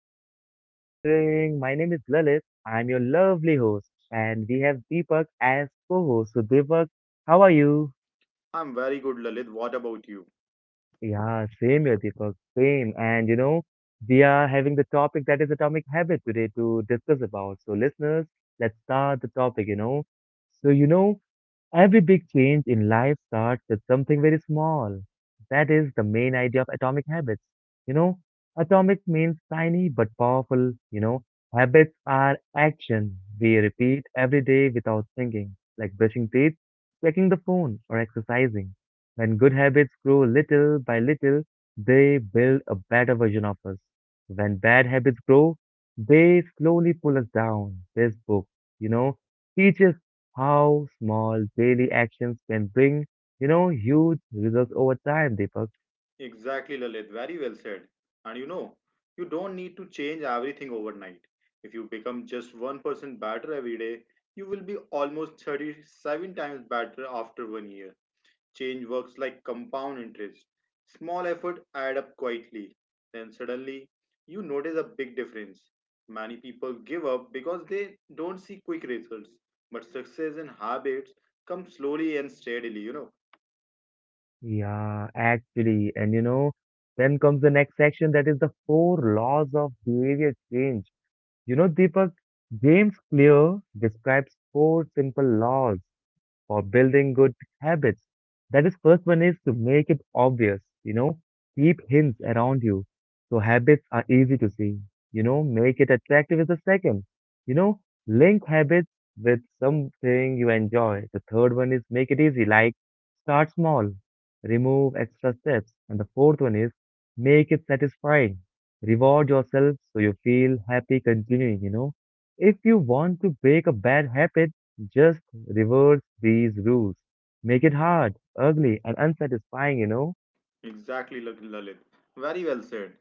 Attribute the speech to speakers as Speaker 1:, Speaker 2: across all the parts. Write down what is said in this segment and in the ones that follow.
Speaker 1: How are you all guys doing? My name is Lalit. I'm your lovely host, and we have Deepak as co-host. So, Deepak, how are you?
Speaker 2: I'm very good, Lalit. What about you?
Speaker 1: Yeah, same here, Deepak, same. And we are having the topic that is atomic habit today to discuss about. So, listeners, let's start the topic. So you know, Every big change in life starts with something very small. That is the main idea of atomic habits. You know, Atomic means tiny but powerful. Habits are action we repeat every day without thinking, like brushing teeth, checking the phone, or exercising. When good habits grow little by little, they build a better version of us. When bad habits grow, they slowly pull us down. This book, you know, teaches how small daily actions can bring huge results over time, Deepak.
Speaker 2: Exactly, Lalit. Very well said. And you know, you don't need to change everything overnight. If you become just 1% better every day, you will be almost 37 times better after 1 year. Change works like compound interest. Small effort add up quietly. Then suddenly, you notice a big difference. Many people give up because they don't see quick results. But success in habits come slowly and steadily, you know.
Speaker 1: Yeah, actually, then comes the next section that is the four laws of behavior change. Deepak, James Clear describes four simple laws for building good habits. That is, first one is to make it obvious, keep hints around you so habits are easy to see, make it attractive is the second, you know, link habits with something you enjoy. The third one is make it easy, like start small, remove extra steps. And the fourth one is make it satisfying, reward yourself so you feel happy continuing. If you want to break a bad habit, just reverse these rules. Make it hard, ugly, and unsatisfying.
Speaker 2: Exactly, Lalit. Very well said.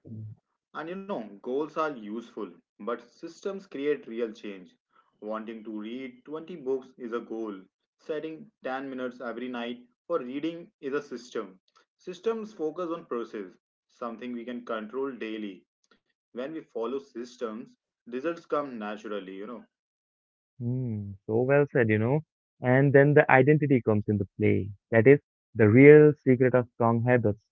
Speaker 2: And you know, goals are useful, but systems create real change. Wanting to read 20 books is a goal. Setting 10 minutes every night for reading is a system. Systems focus on process, something we can control daily. When we follow systems, results come naturally, you know.
Speaker 1: Hmm, so well said. And then the identity comes into play. That is the real secret of strong habits.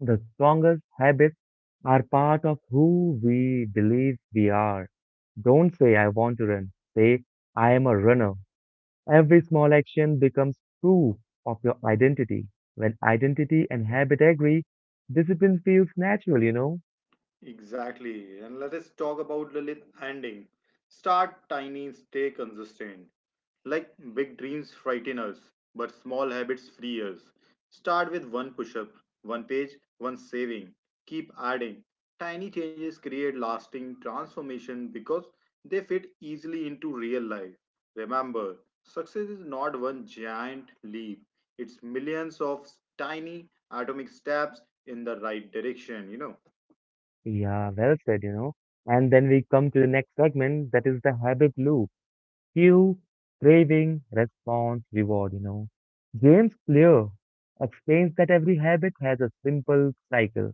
Speaker 1: The strongest habits are part of who we believe we are. Don't say, I want to run. Say, I am a runner. Every small action becomes proof of your identity. When identity and habit agree, discipline feels natural.
Speaker 2: Exactly. And let us talk about Lilith ending. Start tiny, stay consistent. Like big dreams frighten us, but small habits free us. Start with one push up, one page, one saving. Keep adding. Tiny changes create lasting transformation because they fit easily into real life. Remember, success is not one giant leap, it's millions of tiny atomic steps in the right direction, you know.
Speaker 1: Yeah, well said. And then we come to the next segment that is the habit loop. Cue, craving, response, reward. James Clear explains that every habit has a simple cycle.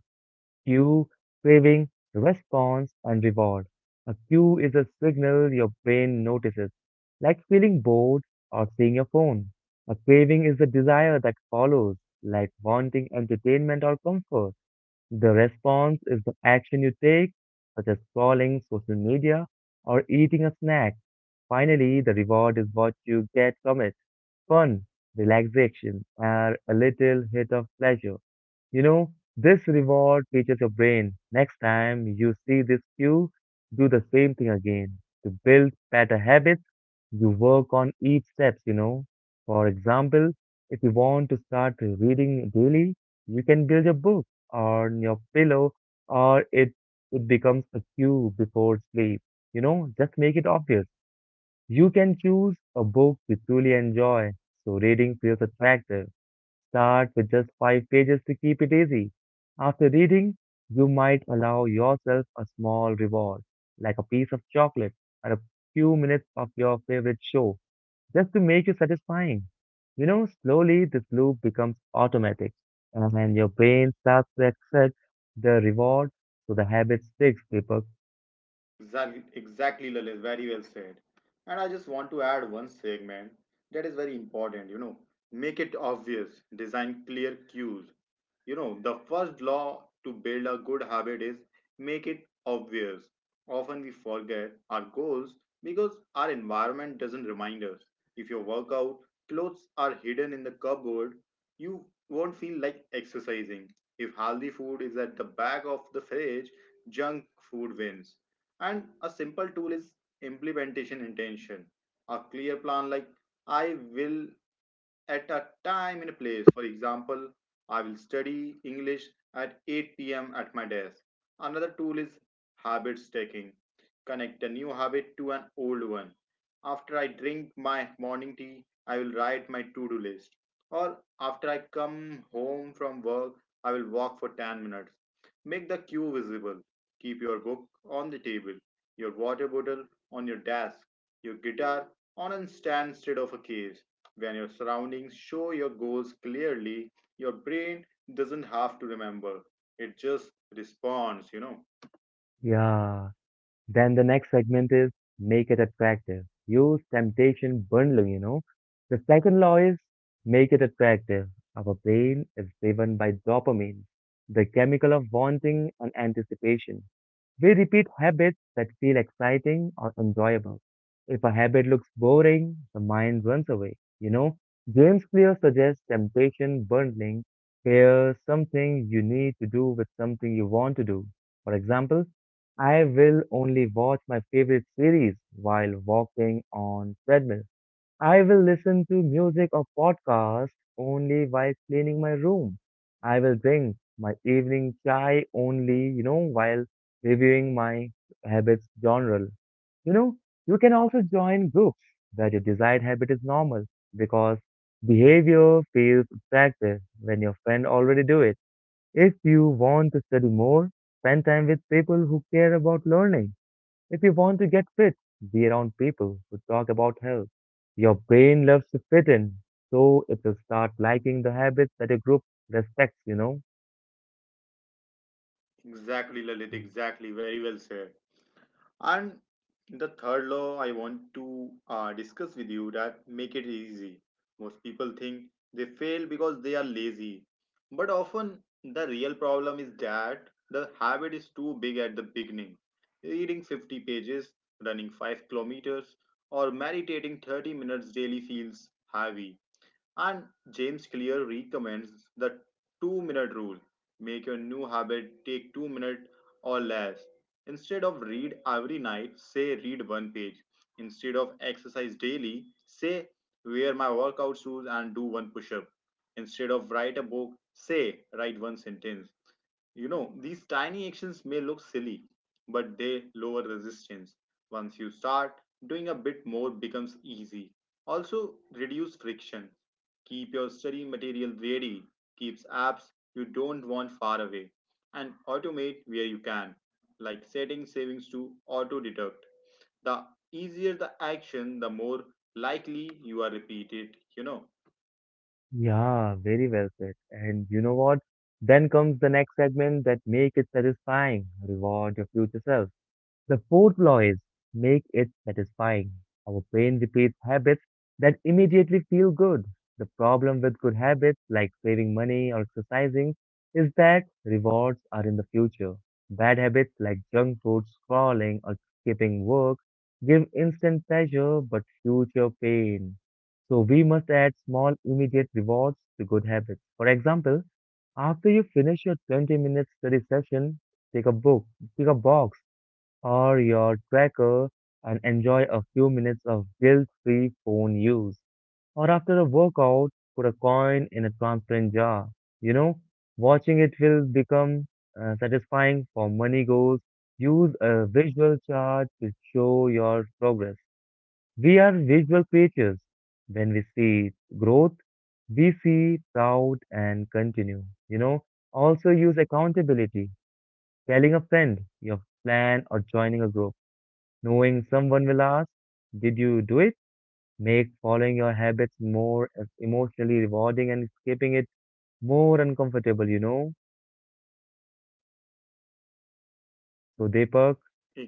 Speaker 1: Cue, craving, response, and reward. A cue is a signal your brain notices, like feeling bored or seeing your phone. A craving is the desire that follows, like wanting entertainment or comfort. The response is the action you take, such as scrolling social media or eating a snack. Finally, the reward is what you get from it fun, relaxation, or a little hit of pleasure. This reward teaches your brain. Next time you see this cue, do the same thing again to build better habits you work on each steps. For example, if you want to start reading daily, you can build a book on your pillow or it becomes a cue before sleep. Just make it obvious. You can choose a book you truly enjoy, so reading feels attractive. Start with just five pages to keep it easy. After reading, you might allow yourself a small reward, like a piece of chocolate or a few minutes of your favorite show just to make you satisfying. Slowly this loop becomes automatic and your brain starts to accept the reward so the habit sticks, Deepak.
Speaker 2: Exactly, exactly, Lalit. Very well said. And I just want to add one segment that is very important. You know, make it obvious. Design clear cues. You know, the first law to build a good habit is make it obvious. Often we forget our goals because our environment doesn't remind us. If your workout clothes are hidden in the cupboard, you won't feel like exercising. If healthy food is at the back of the fridge, junk food wins and a simple tool is implementation intention. A clear plan like I will at a time and a place. For example, I will study English at 8 p.m. at my desk. Another tool is habit stacking. Connect a new habit to an old one. After I drink my morning tea, I will write my to do list. Or after I come home from work, I will walk for 10 minutes. Make the queue visible. Keep your book on the table, your water bottle on your desk, your guitar on a stand instead of a case. When your surroundings show your goals clearly, your brain doesn't have to remember. It just responds, you know.
Speaker 1: Yeah. Then the next segment is make it attractive. Use temptation bundling. The second law is make it attractive. Our brain is driven by dopamine, the chemical of wanting and anticipation. We repeat habits that feel exciting or enjoyable. If a habit looks boring, the mind runs away. James Clear suggests temptation bundling. Pair something you need to do with something you want to do. For example, I will only watch my favorite series while walking on treadmill. I will listen to music or podcast only while cleaning my room. I will drink my evening chai only, while reviewing my habits journal. You know, you can also join groups where your desired habit is normal because behavior feels attractive when your friend already do it. If you want to study more, spend time with people who care about learning if you want to get fit, be around people who talk about health. Your brain loves to fit in, so it will start liking the habits that a group respects.
Speaker 2: Exactly, Lalit, exactly. Very well said. And the third law I want to discuss with you that make it easy. Most people think they fail because they are lazy. But often the real problem is that the habit is too big at the beginning. Reading 50 pages, running 5 kilometers, or meditating 30 minutes daily feels heavy. And James Clear recommends the 2 minute rule. Make your new habit take 2 minutes or less. Instead of read every night, say read one page. Instead of exercise daily, say wear my workout shoes and do one push up. Instead of write a book, say write one sentence. You know, these tiny actions may look silly, but they lower resistance. Once you start, doing a bit more becomes easy. Also, reduce friction. Keep your study material ready, keeps apps you don't want far away, and automate where you can, like setting savings to auto deduct. The easier the action, the more likely you are repeated, you know.
Speaker 1: Yeah, very well said. And you know what? Then comes the next segment that make it satisfying. Reward your future self. The fourth law is make it satisfying. Our brain repeats habits that immediately feel good. The problem with good habits like saving money or exercising is that rewards are in the future. Bad habits like junk food, scrolling, or skipping work give instant pleasure but future pain. So we must add small immediate rewards to good habits. For example, after you finish your 20-minute study session, take a book, take a box or your tracker and enjoy a few minutes of guilt-free phone use. Or after a workout, put a coin in a transparent jar. You know, Watching it will become satisfying for money goals. Use a visual chart to show your progress. We are visual creatures. When we see growth, we see proud and continue. Also use accountability, telling a friend your plan or joining a group. Knowing someone will ask, "Did you do it?" Make following your habits more emotionally rewarding and skipping it more uncomfortable. So, Deepak,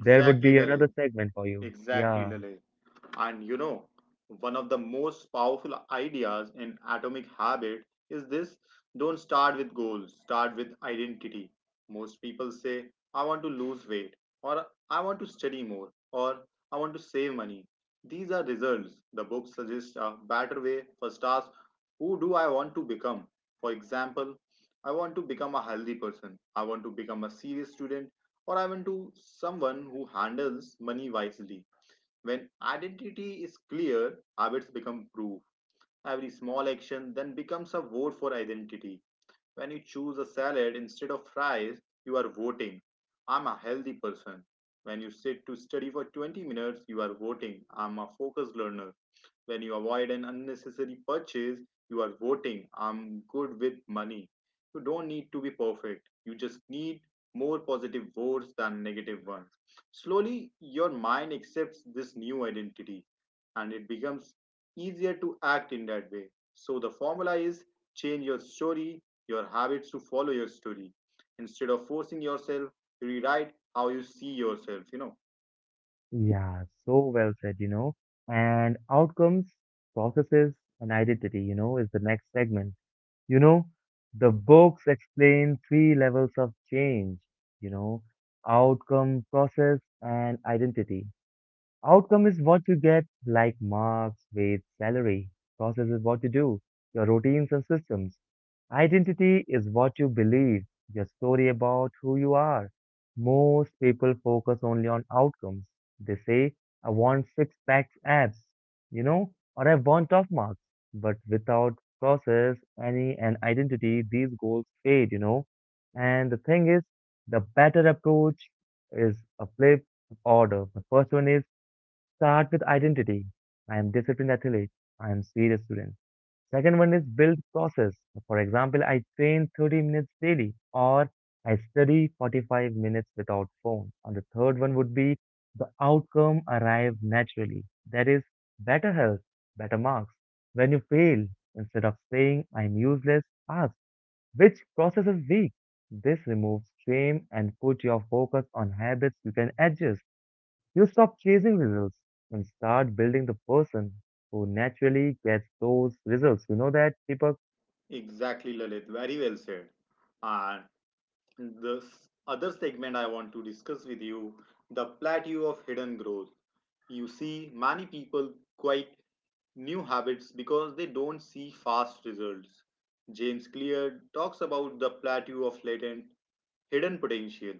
Speaker 1: there would be another
Speaker 2: Lalit.
Speaker 1: segment for you.
Speaker 2: Exactly,
Speaker 1: Yeah,
Speaker 2: Lale. And you know, one of the most powerful ideas in Atomic Habit is this: don't start with goals, start with identity. Most people say, I want to lose weight, or I want to study more, or I want to save money. These are results. The book suggests a better way. First, ask, who do I want to become? For example, I want to become a healthy person. I want to become a serious student, or I went to someone who handles money wisely. When identity is clear, habits become proof. Every small action then becomes a vote for identity. When you choose a salad instead of fries, you are voting, I'm a healthy person. When you sit to study for 20 minutes, you are voting, I'm a focused learner. When you avoid an unnecessary purchase, you are voting, I'm good with money. You don't need to be perfect. You just need more positive votes than negative ones. Slowly, your mind accepts this new identity and it becomes easier to act in that way. So, the formula is change your story, your habits to follow your story. Instead of forcing yourself, rewrite how you see yourself, you know.
Speaker 1: yeah, so well said. And outcomes, processes, and identity, is the next segment. You know, the books explain three levels of change, you know, outcome, process, and identity. Outcome is what you get, like marks, weight, salary. Process is what you do, your routines and systems. Identity is what you believe, your story about who you are. Most people focus only on outcomes. They say, I want six packs abs, or I want top marks. But without process, any and identity, these goals fade. And the thing is, the better approach is a flip order. The first one is start with identity. I am disciplined athlete. I am serious student. Second one is build process. For example, I train 30 minutes daily or I study 45 minutes without phone. And the third one would be the outcome arrive naturally. That is better health, better marks. When you fail, instead of saying I'm useless, ask which process is weak. This removes shame and put your focus on habits you can adjust. You stop chasing results and start building the person who naturally gets those results. You know that, Deepak?
Speaker 2: Exactly, Lalit. Very well said. And other segment I want to discuss with you, the plateau of hidden growth. You see, many people quite new habits because they don't see fast results. James Clear talks about the plateau of latent hidden potential.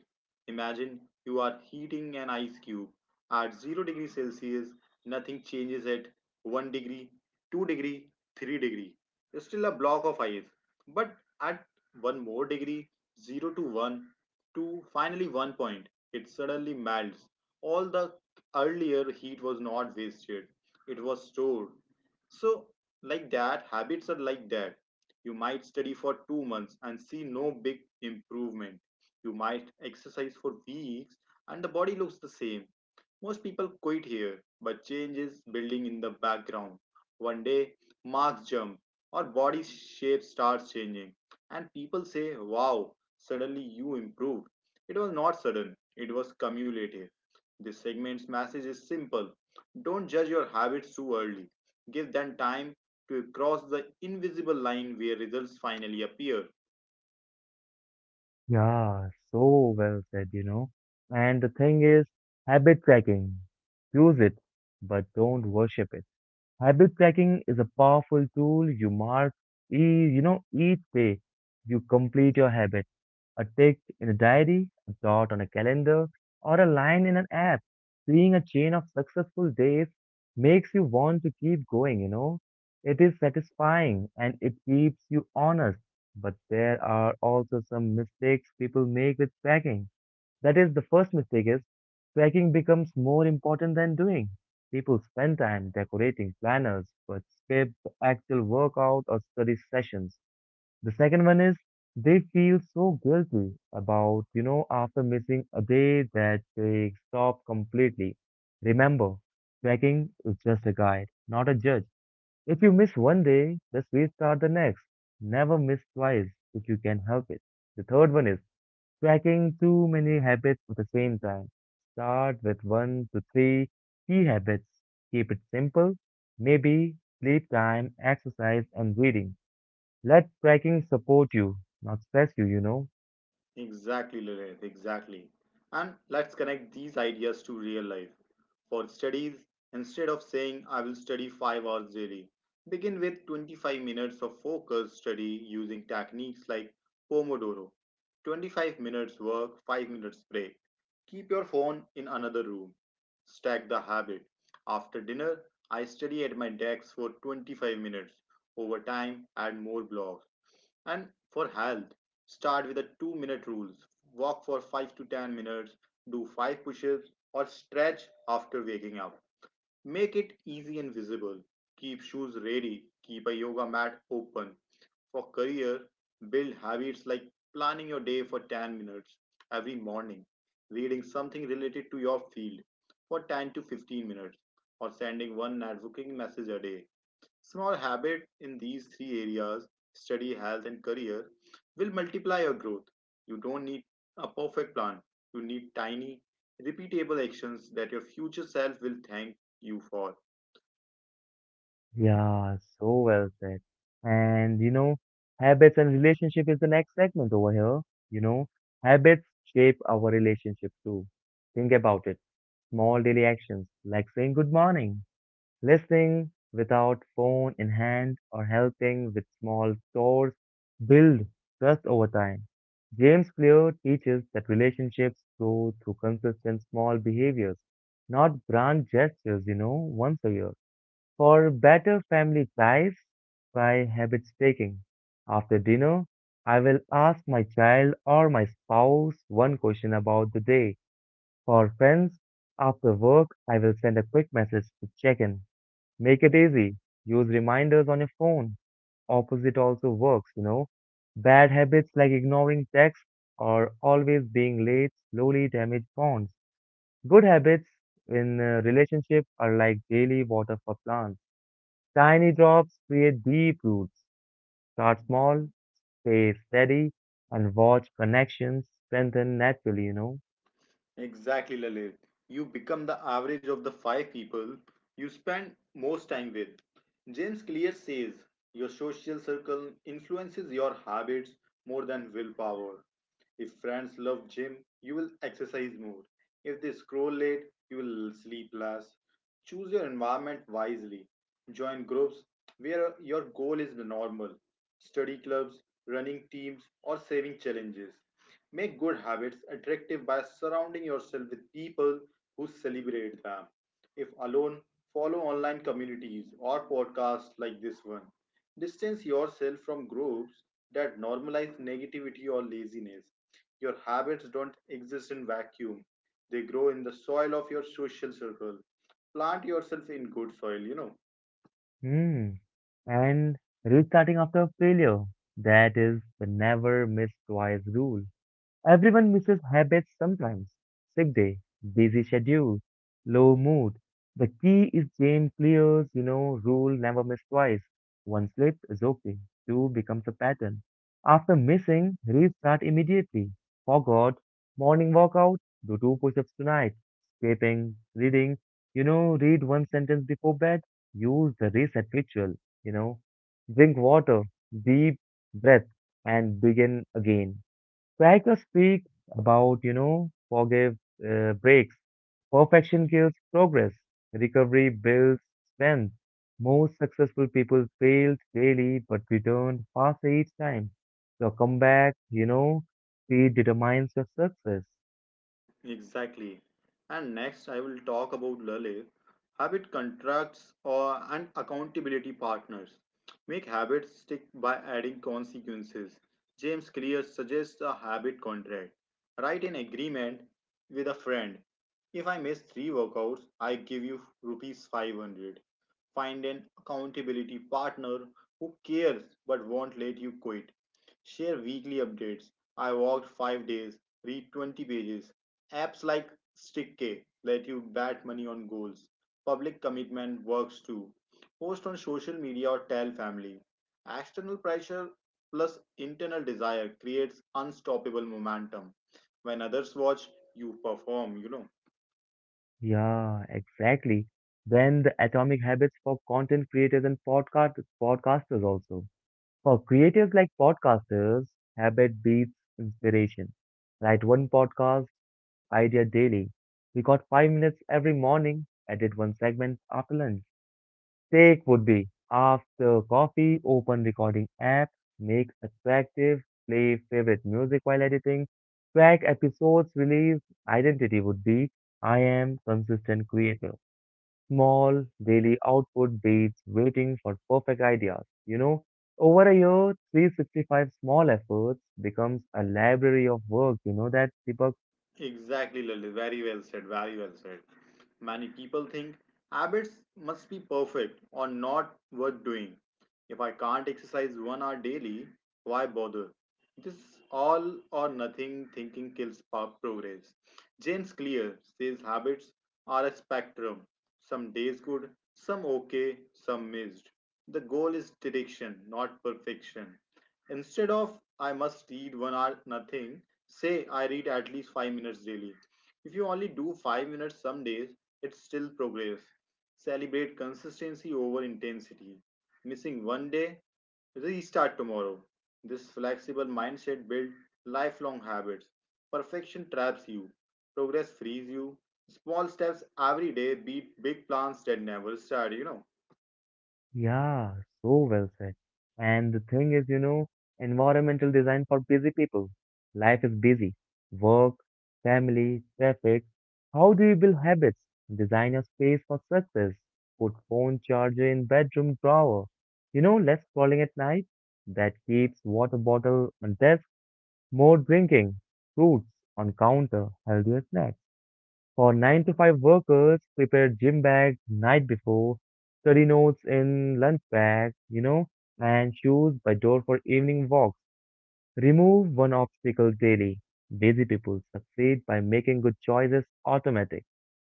Speaker 2: Imagine you are heating an ice cube at 0-degree Celsius, nothing changes at 1 degree, 2 degree, 3 degree. It's still a block of ice, but at one more degree, 0 to 1, to finally 1 point. It suddenly melts. All the earlier heat was not wasted, it was stored. So, like that, habits are like that. You might study for 2 months and see no big improvement. You might exercise for weeks and the body looks the same. Most people quit here, but change is building in the background. One day, marks jump or body shape starts changing and people say, wow, suddenly you improved. It was not sudden, it was cumulative. This segment's message is simple: don't judge your habits too early, give them time to cross the invisible line where results finally appear.
Speaker 1: Yeah, so well said. And the thing is, habit tracking. Use it, but don't worship it. Habit tracking is a powerful tool you mark, e- each day you complete your habit. A tick in a diary, a dot on a calendar, or a line in an app. Seeing a chain of successful days makes you want to keep going. It is satisfying and it keeps you honest. But there are also some mistakes people make with tracking. That is, the first mistake is tracking becomes more important than doing. People spend time decorating planners but skip the actual workout or study sessions. The second one is they feel so guilty about, after missing a day that they stop completely. Remember, tracking is just a guide, not a judge. If you miss one day, just restart the next. Never miss twice if you can help it. The third one is tracking too many habits at the same time. Start with one to three key habits. Keep it simple. Maybe sleep time, exercise, and reading. Let tracking support you, not stress you, you know.
Speaker 2: Exactly, Lilith, exactly. And let's connect these ideas to real life. For studies, instead of saying I will study 5 hours daily, begin with 25 minutes of focused study using techniques like Pomodoro. 25 minutes work, 5 minutes break. Keep your phone in another room. Stack the habit. After dinner, I study at my desk for 25 minutes. Over time, add more blocks. And for health, start with the 2 minute rules. Walk for 5 to 10 minutes, do 5 push ups, or stretch after waking up. Make it easy and visible. Keep shoes ready, keep a yoga mat open. For career, build habits like planning your day for 10 minutes every morning, reading something related to your field for 10 to 15 minutes, or sending one networking message a day. Small habit in these three areas, study, health, and career, will multiply your growth. You don't need a perfect plan. You need tiny, repeatable actions that your future self will thank you for.
Speaker 1: Yeah, so well said. And habits and relationship is the next segment over here. You know, Habits shape our relationship too. Think about it. Small daily actions like saying good morning, listening without phone in hand or helping with small chores build trust over time. James Clear teaches that relationships grow through consistent small behaviors, not grand gestures, once a year. For better family ties, by habit taking. After dinner, I will ask my child or my spouse one question about the day. For friends, after work, I will send a quick message to check in. Make it easy. Use reminders on your phone. Opposite also works. Bad habits like ignoring texts or always being late slowly damage bonds. Good habits in a relationship are like daily water for plants. Tiny drops create deep roots. Start small, stay steady, and watch connections strengthen naturally.
Speaker 2: Exactly, Lalit. You become the average of the five people you spend most time with. James Clear says your social circle influences your habits more than willpower. If friends love gym, you will exercise more. If they scroll late, you will sleep less. Choose your environment wisely. Join groups where your goal is the normal. Study clubs, running teams, or saving challenges. Make good habits attractive by surrounding yourself with people who celebrate them. If alone, follow online communities or podcasts like this one. Distance yourself from groups that normalize negativity or laziness. Your habits don't exist in vacuum. They grow in the soil of your social circle. Plant yourself in good soil, you know.
Speaker 1: Hmm. And restarting after failure. That is the never miss twice rule. Everyone misses habits sometimes. Sick day, busy schedule, low mood. The key is Jane Clear's rule never miss twice. One slip is okay. Two becomes a pattern. After missing, restart immediately. Forgot, morning workout, do two push-ups tonight. Skipping, reading, read one sentence before bed. Use the reset ritual, you know. Drink water, deep breath, and begin again. Psycho speaks about, forgive breaks. Perfection kills progress. Recovery builds strength. Most successful people failed daily but returned faster each time. Your comeback, speed determines your success.
Speaker 2: Exactly. And next, I will talk about Lale. Habit contracts or and accountability partners. Make habits stick by adding consequences. James Clear suggests a habit contract. Write an agreement with a friend. If I miss three workouts, I give you rupees 500. Find an accountability partner who cares but won't let you quit. Share weekly updates. I walked 5 days, read 20 pages. Apps like StickK let you bet money on goals. Public commitment works too. Post on social media or tell family. External pressure plus internal desire creates unstoppable momentum. When others watch, you perform, you know.
Speaker 1: Yeah, exactly. Then the atomic habits for content creators and podcasters also. For creators like podcasters, habit beats inspiration. Write one podcast idea daily. We got 5 minutes every morning. Edit one segment after lunch. Take would be after coffee, open recording app, make attractive, play favorite music while editing, track episodes release. Identity would be I am consistent creator. Small daily output beats waiting for perfect ideas. Over a year, 365 small efforts becomes a library of work. You know that, Deepak?
Speaker 2: Exactly, Lily. Very well said. Very well said. Many people think habits must be perfect or not worth doing. If I can't exercise 1 hour daily, why bother? This all or nothing thinking kills progress. James Clear says habits are a spectrum. Some days good, some okay, some missed. The goal is direction, not perfection. Instead of I must read 1 hour nothing, say I read at least 5 minutes daily. If you only do 5 minutes some days, it's still progress. Celebrate consistency over intensity. Missing one day, restart tomorrow. This flexible mindset builds lifelong habits. Perfection traps you, progress frees you. Small steps every day beat big plans that never start, you know.
Speaker 1: Yeah, so well said. And the thing is, environmental design for busy people. Life is busy. Work, family, traffic. How do you build habits? Design a space for success. Put phone charger in bedroom drawer. Less scrolling at night. That keeps water bottle on desk, more drinking. Fruits on counter, healthier snacks. For 9 to 5 workers, prepare gym bags night before, study notes in lunch bag, and shoes by door for evening walks. Remove one obstacle daily. Busy people succeed by making good choices automatic.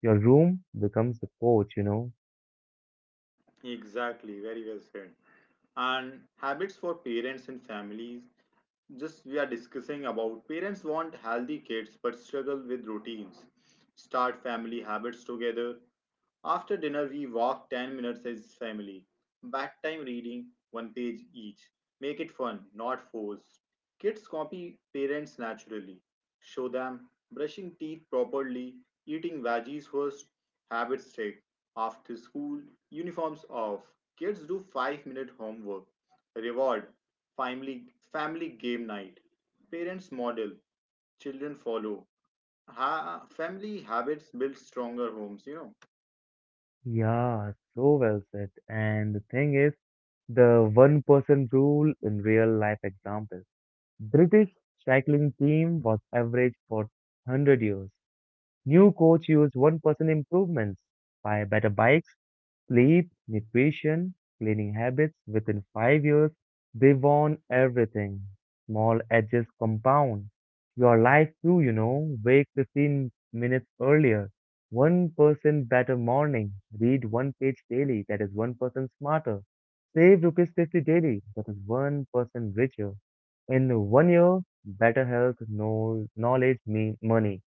Speaker 1: Your room becomes the coach.
Speaker 2: Exactly, very well said. And habits for parents and families, just we are discussing about parents want healthy kids but struggle with routines. Start family habits together. After dinner we walk 10 minutes as family. Bedtime reading one page each. Make it fun not forced. Kids copy parents naturally. Show them brushing teeth properly, eating veggies first, habits straight. After school, uniforms off. Kids do 5-minute homework. Reward family, family game night. Parents model, children follow. Family habits build stronger homes,
Speaker 1: Yeah, so well said. And the thing is, the one person rule in real life example. British cycling team was average for 100 years. New coach use 1% improvements, by better bikes, sleep, nutrition, cleaning habits. Within 5 years, they won everything. Small edges compound. Your life too. Wake 15 minutes earlier. 1% better morning. Read one page daily. That is 1% smarter. Save rupees 50 daily. That is 1% richer. In one year, better health, no knowledge, me money.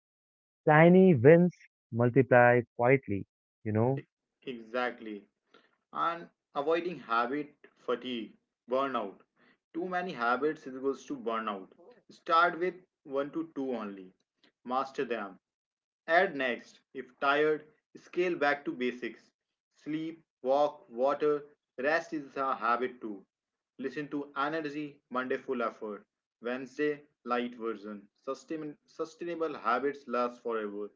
Speaker 1: Tiny wins multiply quietly, you
Speaker 2: E-
Speaker 1: know.
Speaker 2: Exactly. And avoiding habit fatigue, burnout. Too many habits equals to burnout. Start with one to two only, master them. Add next. If tired, scale back to basics. Sleep, walk, water, rest is a habit too. Listen to energy: Monday full effort, Wednesday light version. Sustainable habits last forever.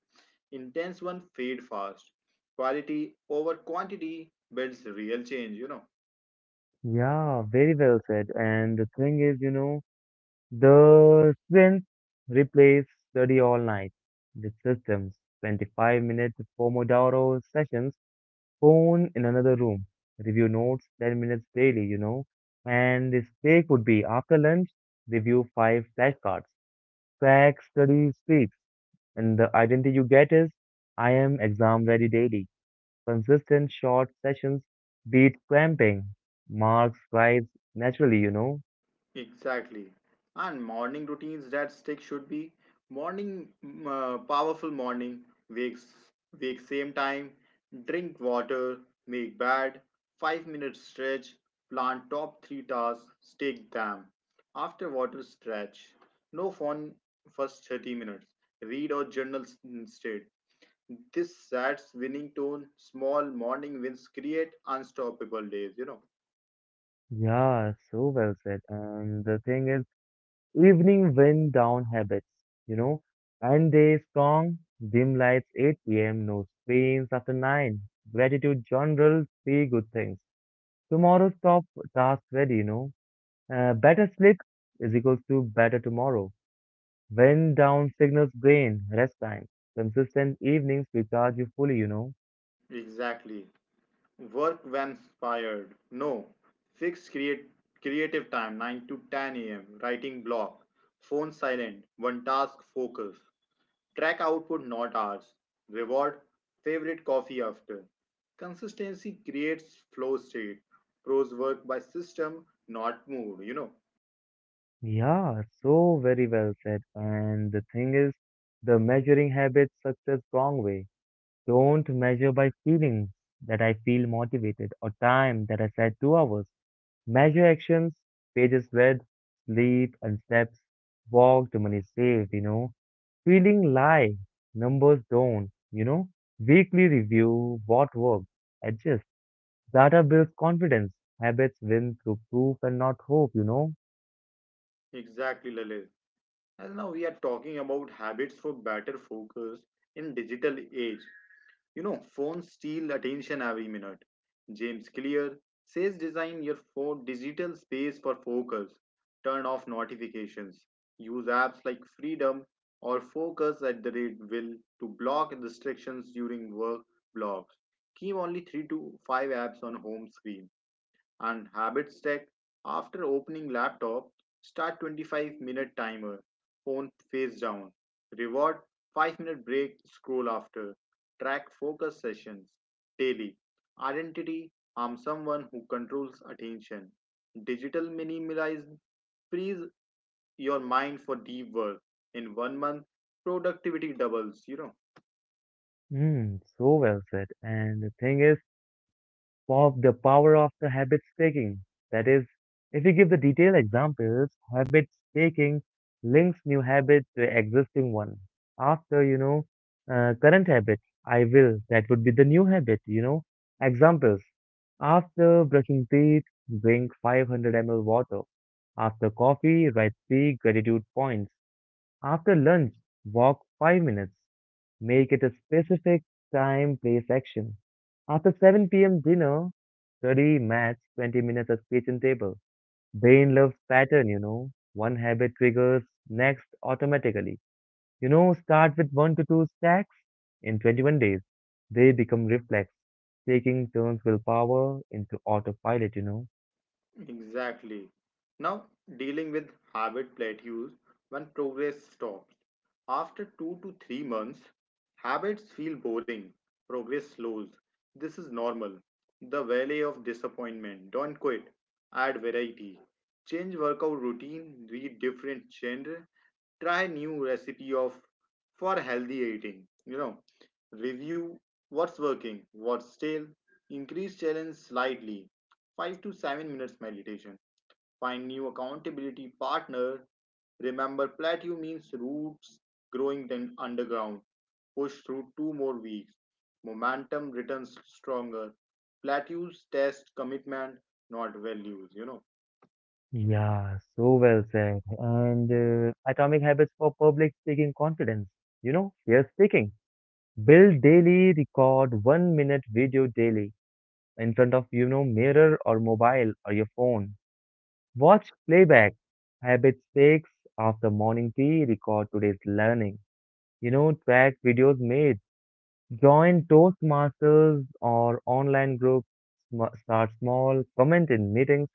Speaker 2: Intense one fade fast. Quality over quantity builds real change,
Speaker 1: Yeah, very well said. And the thing is, the strength replace study all night. The systems, 25-minute Pomodoro sessions, phone in another room, review notes 10 minutes daily. And the steak would be after lunch, review five flashcards, track study streaks, and the identity you get is I am exam ready daily. Consistent short sessions beat cramping. Marks rise naturally.
Speaker 2: Exactly. And morning routines that stick should be powerful morning, wakes, wake same time, drink water, make bed, 5-minute stretch, plan top 3 tasks, stick them. After water stretch, no phone first 30 minutes, read or journal instead. This sets winning tone. Small morning wins create unstoppable days,
Speaker 1: Yeah, so well said. And the thing is, evening wind down habits, you know, and day strong, dim lights 8 p.m., no screens after 9, gratitude journal, three good things. Tomorrow's top task ready. Better sleep is equals to better tomorrow. Wind down signals brain, rest time. Consistent evenings recharge you fully.
Speaker 2: Exactly. Work when inspired? No. Fix creative time 9 to 10 a.m. writing block. Phone silent. One task focus. Track output, not hours. Reward favorite coffee after. Consistency creates flow state. Pros work by system, not mood.
Speaker 1: Yeah, so very well said. And the thing is, the measuring habits success wrong way. Don't measure by feelings that I feel motivated or time that I said 2 hours. Measure actions, pages read, sleep and steps, walked, money saved. Feeling lie, numbers don't. Weekly review, what worked, adjust. Data builds confidence. Habits win through proof and not hope.
Speaker 2: Exactly, Lalit. And now we are talking about habits for better focus in digital age. You know, phones steal attention every minute. James Clear says design your phone digital space for focus. Turn off notifications. Use apps like Freedom or Focus at the rate will to block distractions during work blocks. Keep only 3 to 5 apps on home screen. And habits stack: after opening laptop, start 25-minute timer, phone face down. Reward 5-minute break scroll after. Track focus sessions daily. Identity: I'm someone who controls attention. Digital minimalism. Freeze your mind for deep work. In 1 month, productivity doubles,
Speaker 1: Mm, so well said. And the thing is, of the power of the habit staking. That is, if we give the detailed examples, habit staking links new habit to existing one. After, current habit, I will, that would be the new habit. Examples. After brushing teeth, drink 500 ml water. After coffee, write three gratitude points. After lunch, walk 5 minutes. Make it a specific time, place, action. After 7 p.m. dinner, study maths 20 minutes at kitchen table. Brain loves pattern. One habit triggers next automatically. Start with one to two stacks in 21 days. They become reflex, taking turns willpower into autopilot.
Speaker 2: Exactly. Now, dealing with habit plateaus when progress stops. After 2 to 3 months, habits feel boring, progress slows. This is normal. The valley of disappointment. Don't quit, add variety. Change workout routine, read different genre, try new recipe of for healthy eating. You know, review what's working, what's stale, increase challenge slightly, 5 to 7 minutes meditation. Find new accountability partner. Remember, plateau means roots growing then underground. Push through two more weeks. Momentum returns stronger. Plateaus test commitment, not values,
Speaker 1: Yeah, so well said. And atomic habits for public speaking confidence. Fear speaking. Build daily, record 1 minute video daily in front of mirror or mobile or your phone. Watch playback. Habit six after morning tea, record today's learning. Track videos made. Join Toastmasters or online groups. Start small. Comment in meetings.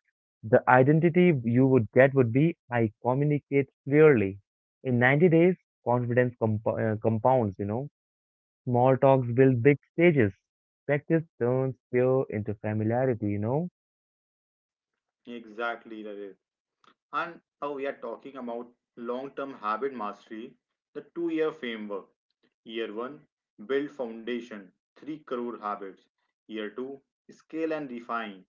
Speaker 1: The identity you would get would be I communicate clearly. In 90 days, confidence compounds. Small talks build big stages. Practice turns fear into familiarity?
Speaker 2: Exactly, that is. And now we are talking about long-term habit mastery, the two-year framework. Year 1, build foundation 3 crore habits. Year 2, scale and refine.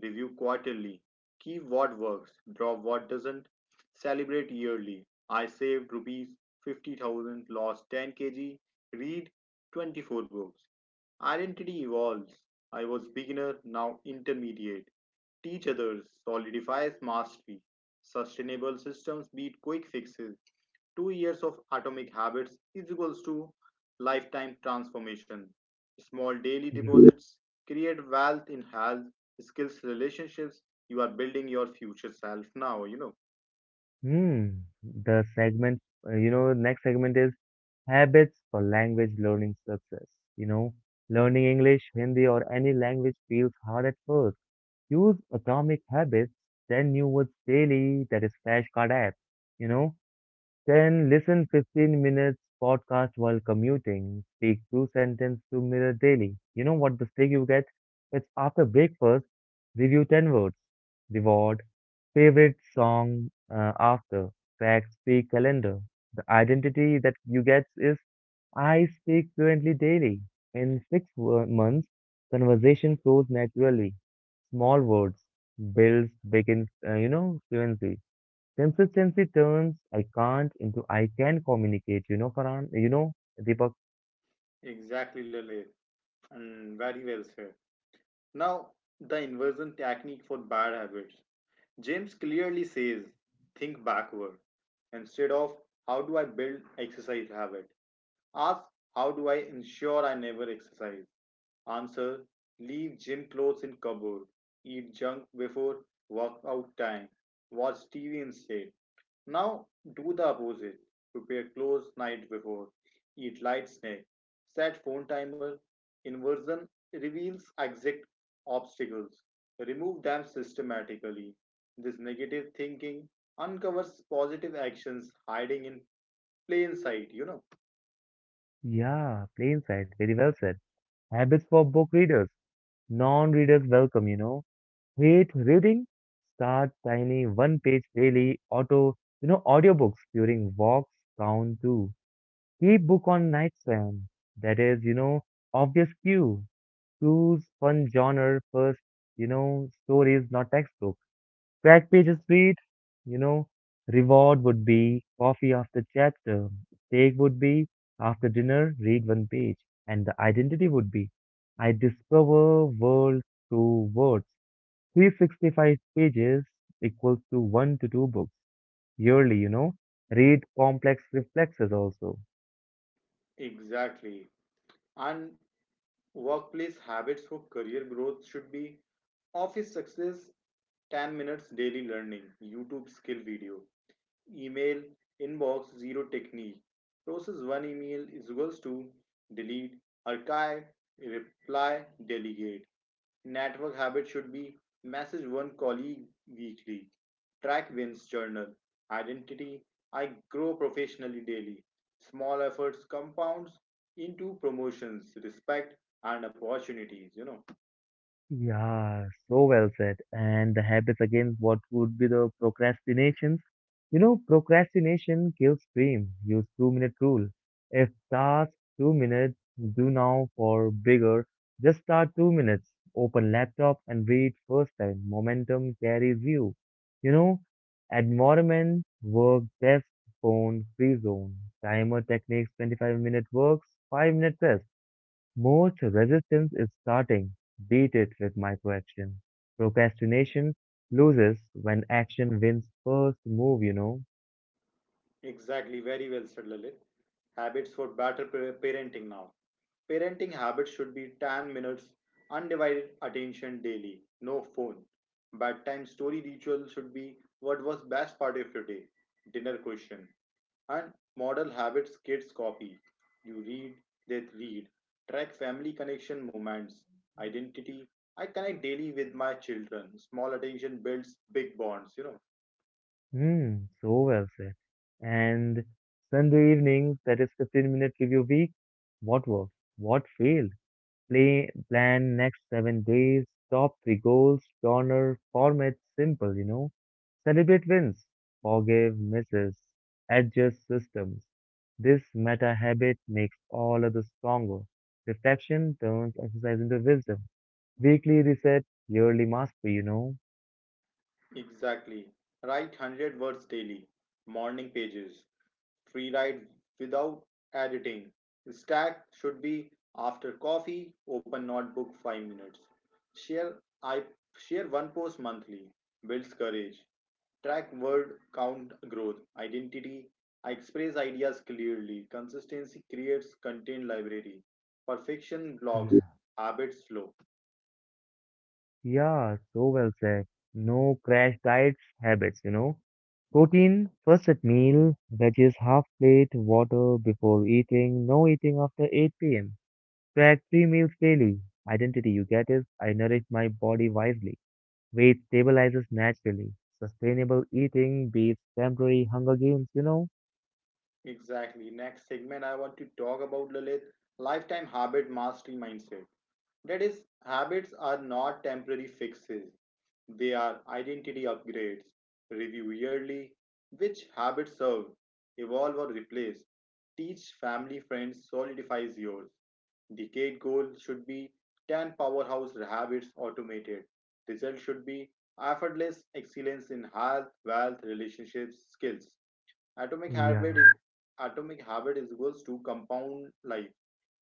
Speaker 2: Review quarterly. Keep what works, drop what doesn't. Celebrate yearly. I saved rupees 50,000, lost 10 kg, read 24 books. Identity evolves. I was beginner, now intermediate. Teach others, solidifies mastery. Sustainable systems beat quick fixes. 2 years of atomic habits is equals to lifetime transformation. Small daily
Speaker 1: Yeah.
Speaker 2: deposits create wealth in health, skills, relationships. You are building your future self now,
Speaker 1: Hmm. The next segment is habits for language learning success. You know, learning English, Hindi, or any language feels hard at first. Use Atomic Habits, 10 new words daily, that is flashcard app. You know, Then listen 15 minutes podcast while commuting. Speak two sentences to mirror daily. You know what the steak you get? It's after breakfast. Review 10 words. Reward. Favorite song after. Fact speak calendar. The identity that you get is I speak fluently daily. In six months, conversation flows naturally. Small words builds begin, fluency. Consistency turns I can't into I can communicate, Farhan, Deepak.
Speaker 2: Exactly, Lalit. And very well said. Now, the inversion technique for bad habits. James clearly says think backward. Instead of how do I build exercise habit, ask how do I ensure I never exercise? Answer: leave gym clothes in cupboard, eat junk before workout time, watch TV instead. Now do the opposite. Prepare clothes night before, eat light snack, set phone timer. Inversion reveals exact obstacles. Remove them systematically. This negative thinking uncovers positive actions hiding in plain sight,
Speaker 1: Yeah, plain sight, very well said. Habits for book readers, non-readers welcome. Hate reading, start tiny one-page daily auto, audiobooks during walks count too. Keep book on nightstand. That is, obvious cue. Choose fun genre first, stories, not textbook. Crack pages read, you know, reward would be coffee after chapter, steak would be after dinner, read one page, and the identity would be I discover world through words. 365 pages equals to 1 to 2 books yearly, read complex reflexes also.
Speaker 2: Exactly. And workplace habits for career growth should be office success: 10 minutes daily learning, YouTube skill video, email inbox zero technique. Process one email is equals to delete, archive, reply, delegate. Network habit should be message one colleague weekly, track wins journal. Identity: I grow professionally daily. Small efforts compounds into promotions, respect and opportunities,
Speaker 1: Yeah, so well said. And the habits again, what would be the procrastinations? Procrastination kills dream. Use 2 minute rule. If task 2 minutes, do now for bigger. Just start 2 minutes. Open laptop and read first time. Momentum carries you. You know, environment, work, desk, phone, free zone. Timer techniques, 25-minute works, 5-minute rest. Most resistance is starting. Beat it with microaction. Procrastination loses when action wins first move.
Speaker 2: Exactly, very well said Lalit. Habits for better parenting now. Parenting habits should be 10 minutes undivided attention daily, no phone. Bedtime story ritual should be: what was best part of your day? Dinner question. And model habits kids copy. You read, they read. Track family connection moments. Identity: I connect daily with my children. Small attention builds big bonds,
Speaker 1: Hmm, so well said. And Sunday evenings, that is 15-minute review week. What worked? What failed? Play plan next 7 days, top three goals, corner, format simple. Celebrate wins, forgive misses, adjust systems. This meta habit makes all others stronger. Reflection turns exercise into wisdom. Weekly reset, yearly mastery.
Speaker 2: Exactly. Write 100 words daily, morning pages, free write without editing. Stack should be after coffee, open notebook 5 minutes. Share: I share one post monthly, builds courage. Track word count growth. Identity: I express ideas clearly. Consistency creates content library. Perfection
Speaker 1: Yeah.
Speaker 2: blocks habits flow.
Speaker 1: Yeah, so well said. No crash diet habits. Protein first at meal, veggies half plate, water before eating, no eating after 8 p.m. Track three meals daily. Identity you get is I nourish my body wisely. Weight stabilizes naturally. Sustainable eating beats temporary hunger games?
Speaker 2: Exactly. Next segment, I want to talk about, Lalit, lifetime habit mastery mindset. That is, habits are not temporary fixes, they are identity upgrades. Review yearly which habits serve, evolve or replace. Teach family friends solidifies yours. Decade goal should be 10 powerhouse habits automated. Result should be effortless excellence in health, wealth, relationships, skills. Atomic habit is
Speaker 1: Yeah,
Speaker 2: Atomic habit is equals to compound life.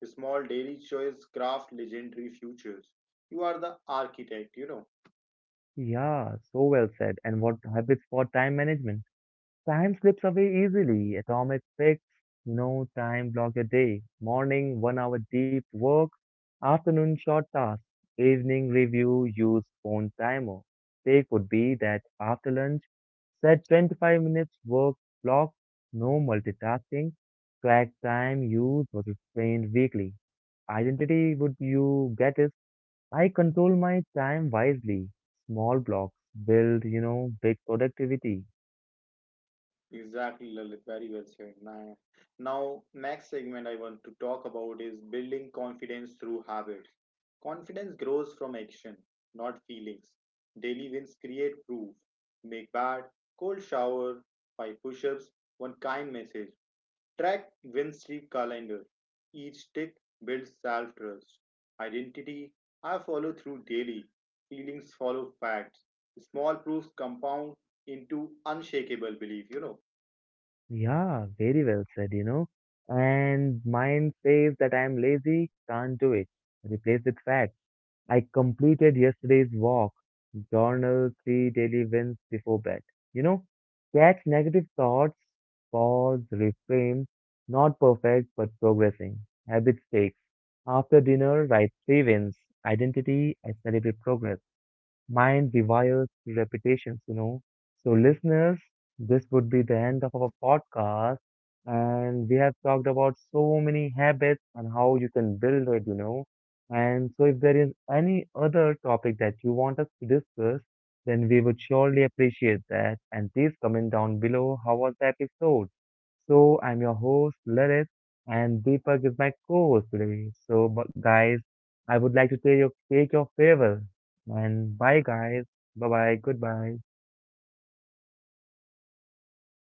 Speaker 2: Small daily choice craft legendary futures. You are the architect,
Speaker 1: yeah, so well said. And what habits for time management? Time slips away easily. Atomic fix, no time block your day. Morning, 1 hour deep work. Afternoon, short task. Evening review, use phone timer. Take would be that after lunch, set 25 minutes work block, no multitasking. Track time use was explained weekly. Identity would you get is I control my time wisely. Small blocks build, big productivity.
Speaker 2: Exactly, Lalit. Very well said. Nah. Now, next segment I want to talk about is building confidence through habits. Confidence grows from action, not feelings. Daily wins create proof. Make bad, cold shower, five push ups, one kind message. Track wins the calendar. Each tick builds self trust. Identity: I follow through daily. Feelings follow facts. Small proofs compound into unshakable belief,
Speaker 1: Yeah, very well said. And mind says that I'm lazy, can't do it. Replace with fact. I completed yesterday's walk. Journal three daily wins before bed. You know, catch negative thoughts, pause, reframe. Not perfect, but progressing. Habit stakes. After dinner, write three wins. Identity, I celebrate progress mind rewires reputations. So, listeners, this would be the end of our podcast. And we have talked about so many habits and how you can build it. And so, if there is any other topic that you want us to discuss, then we would surely appreciate that. And please comment down below how was the episode. So, I'm your host, Lalit, and Deepak is my co host today. So, but guys, I would like to take your farewell. And bye, guys. Bye bye. Goodbye.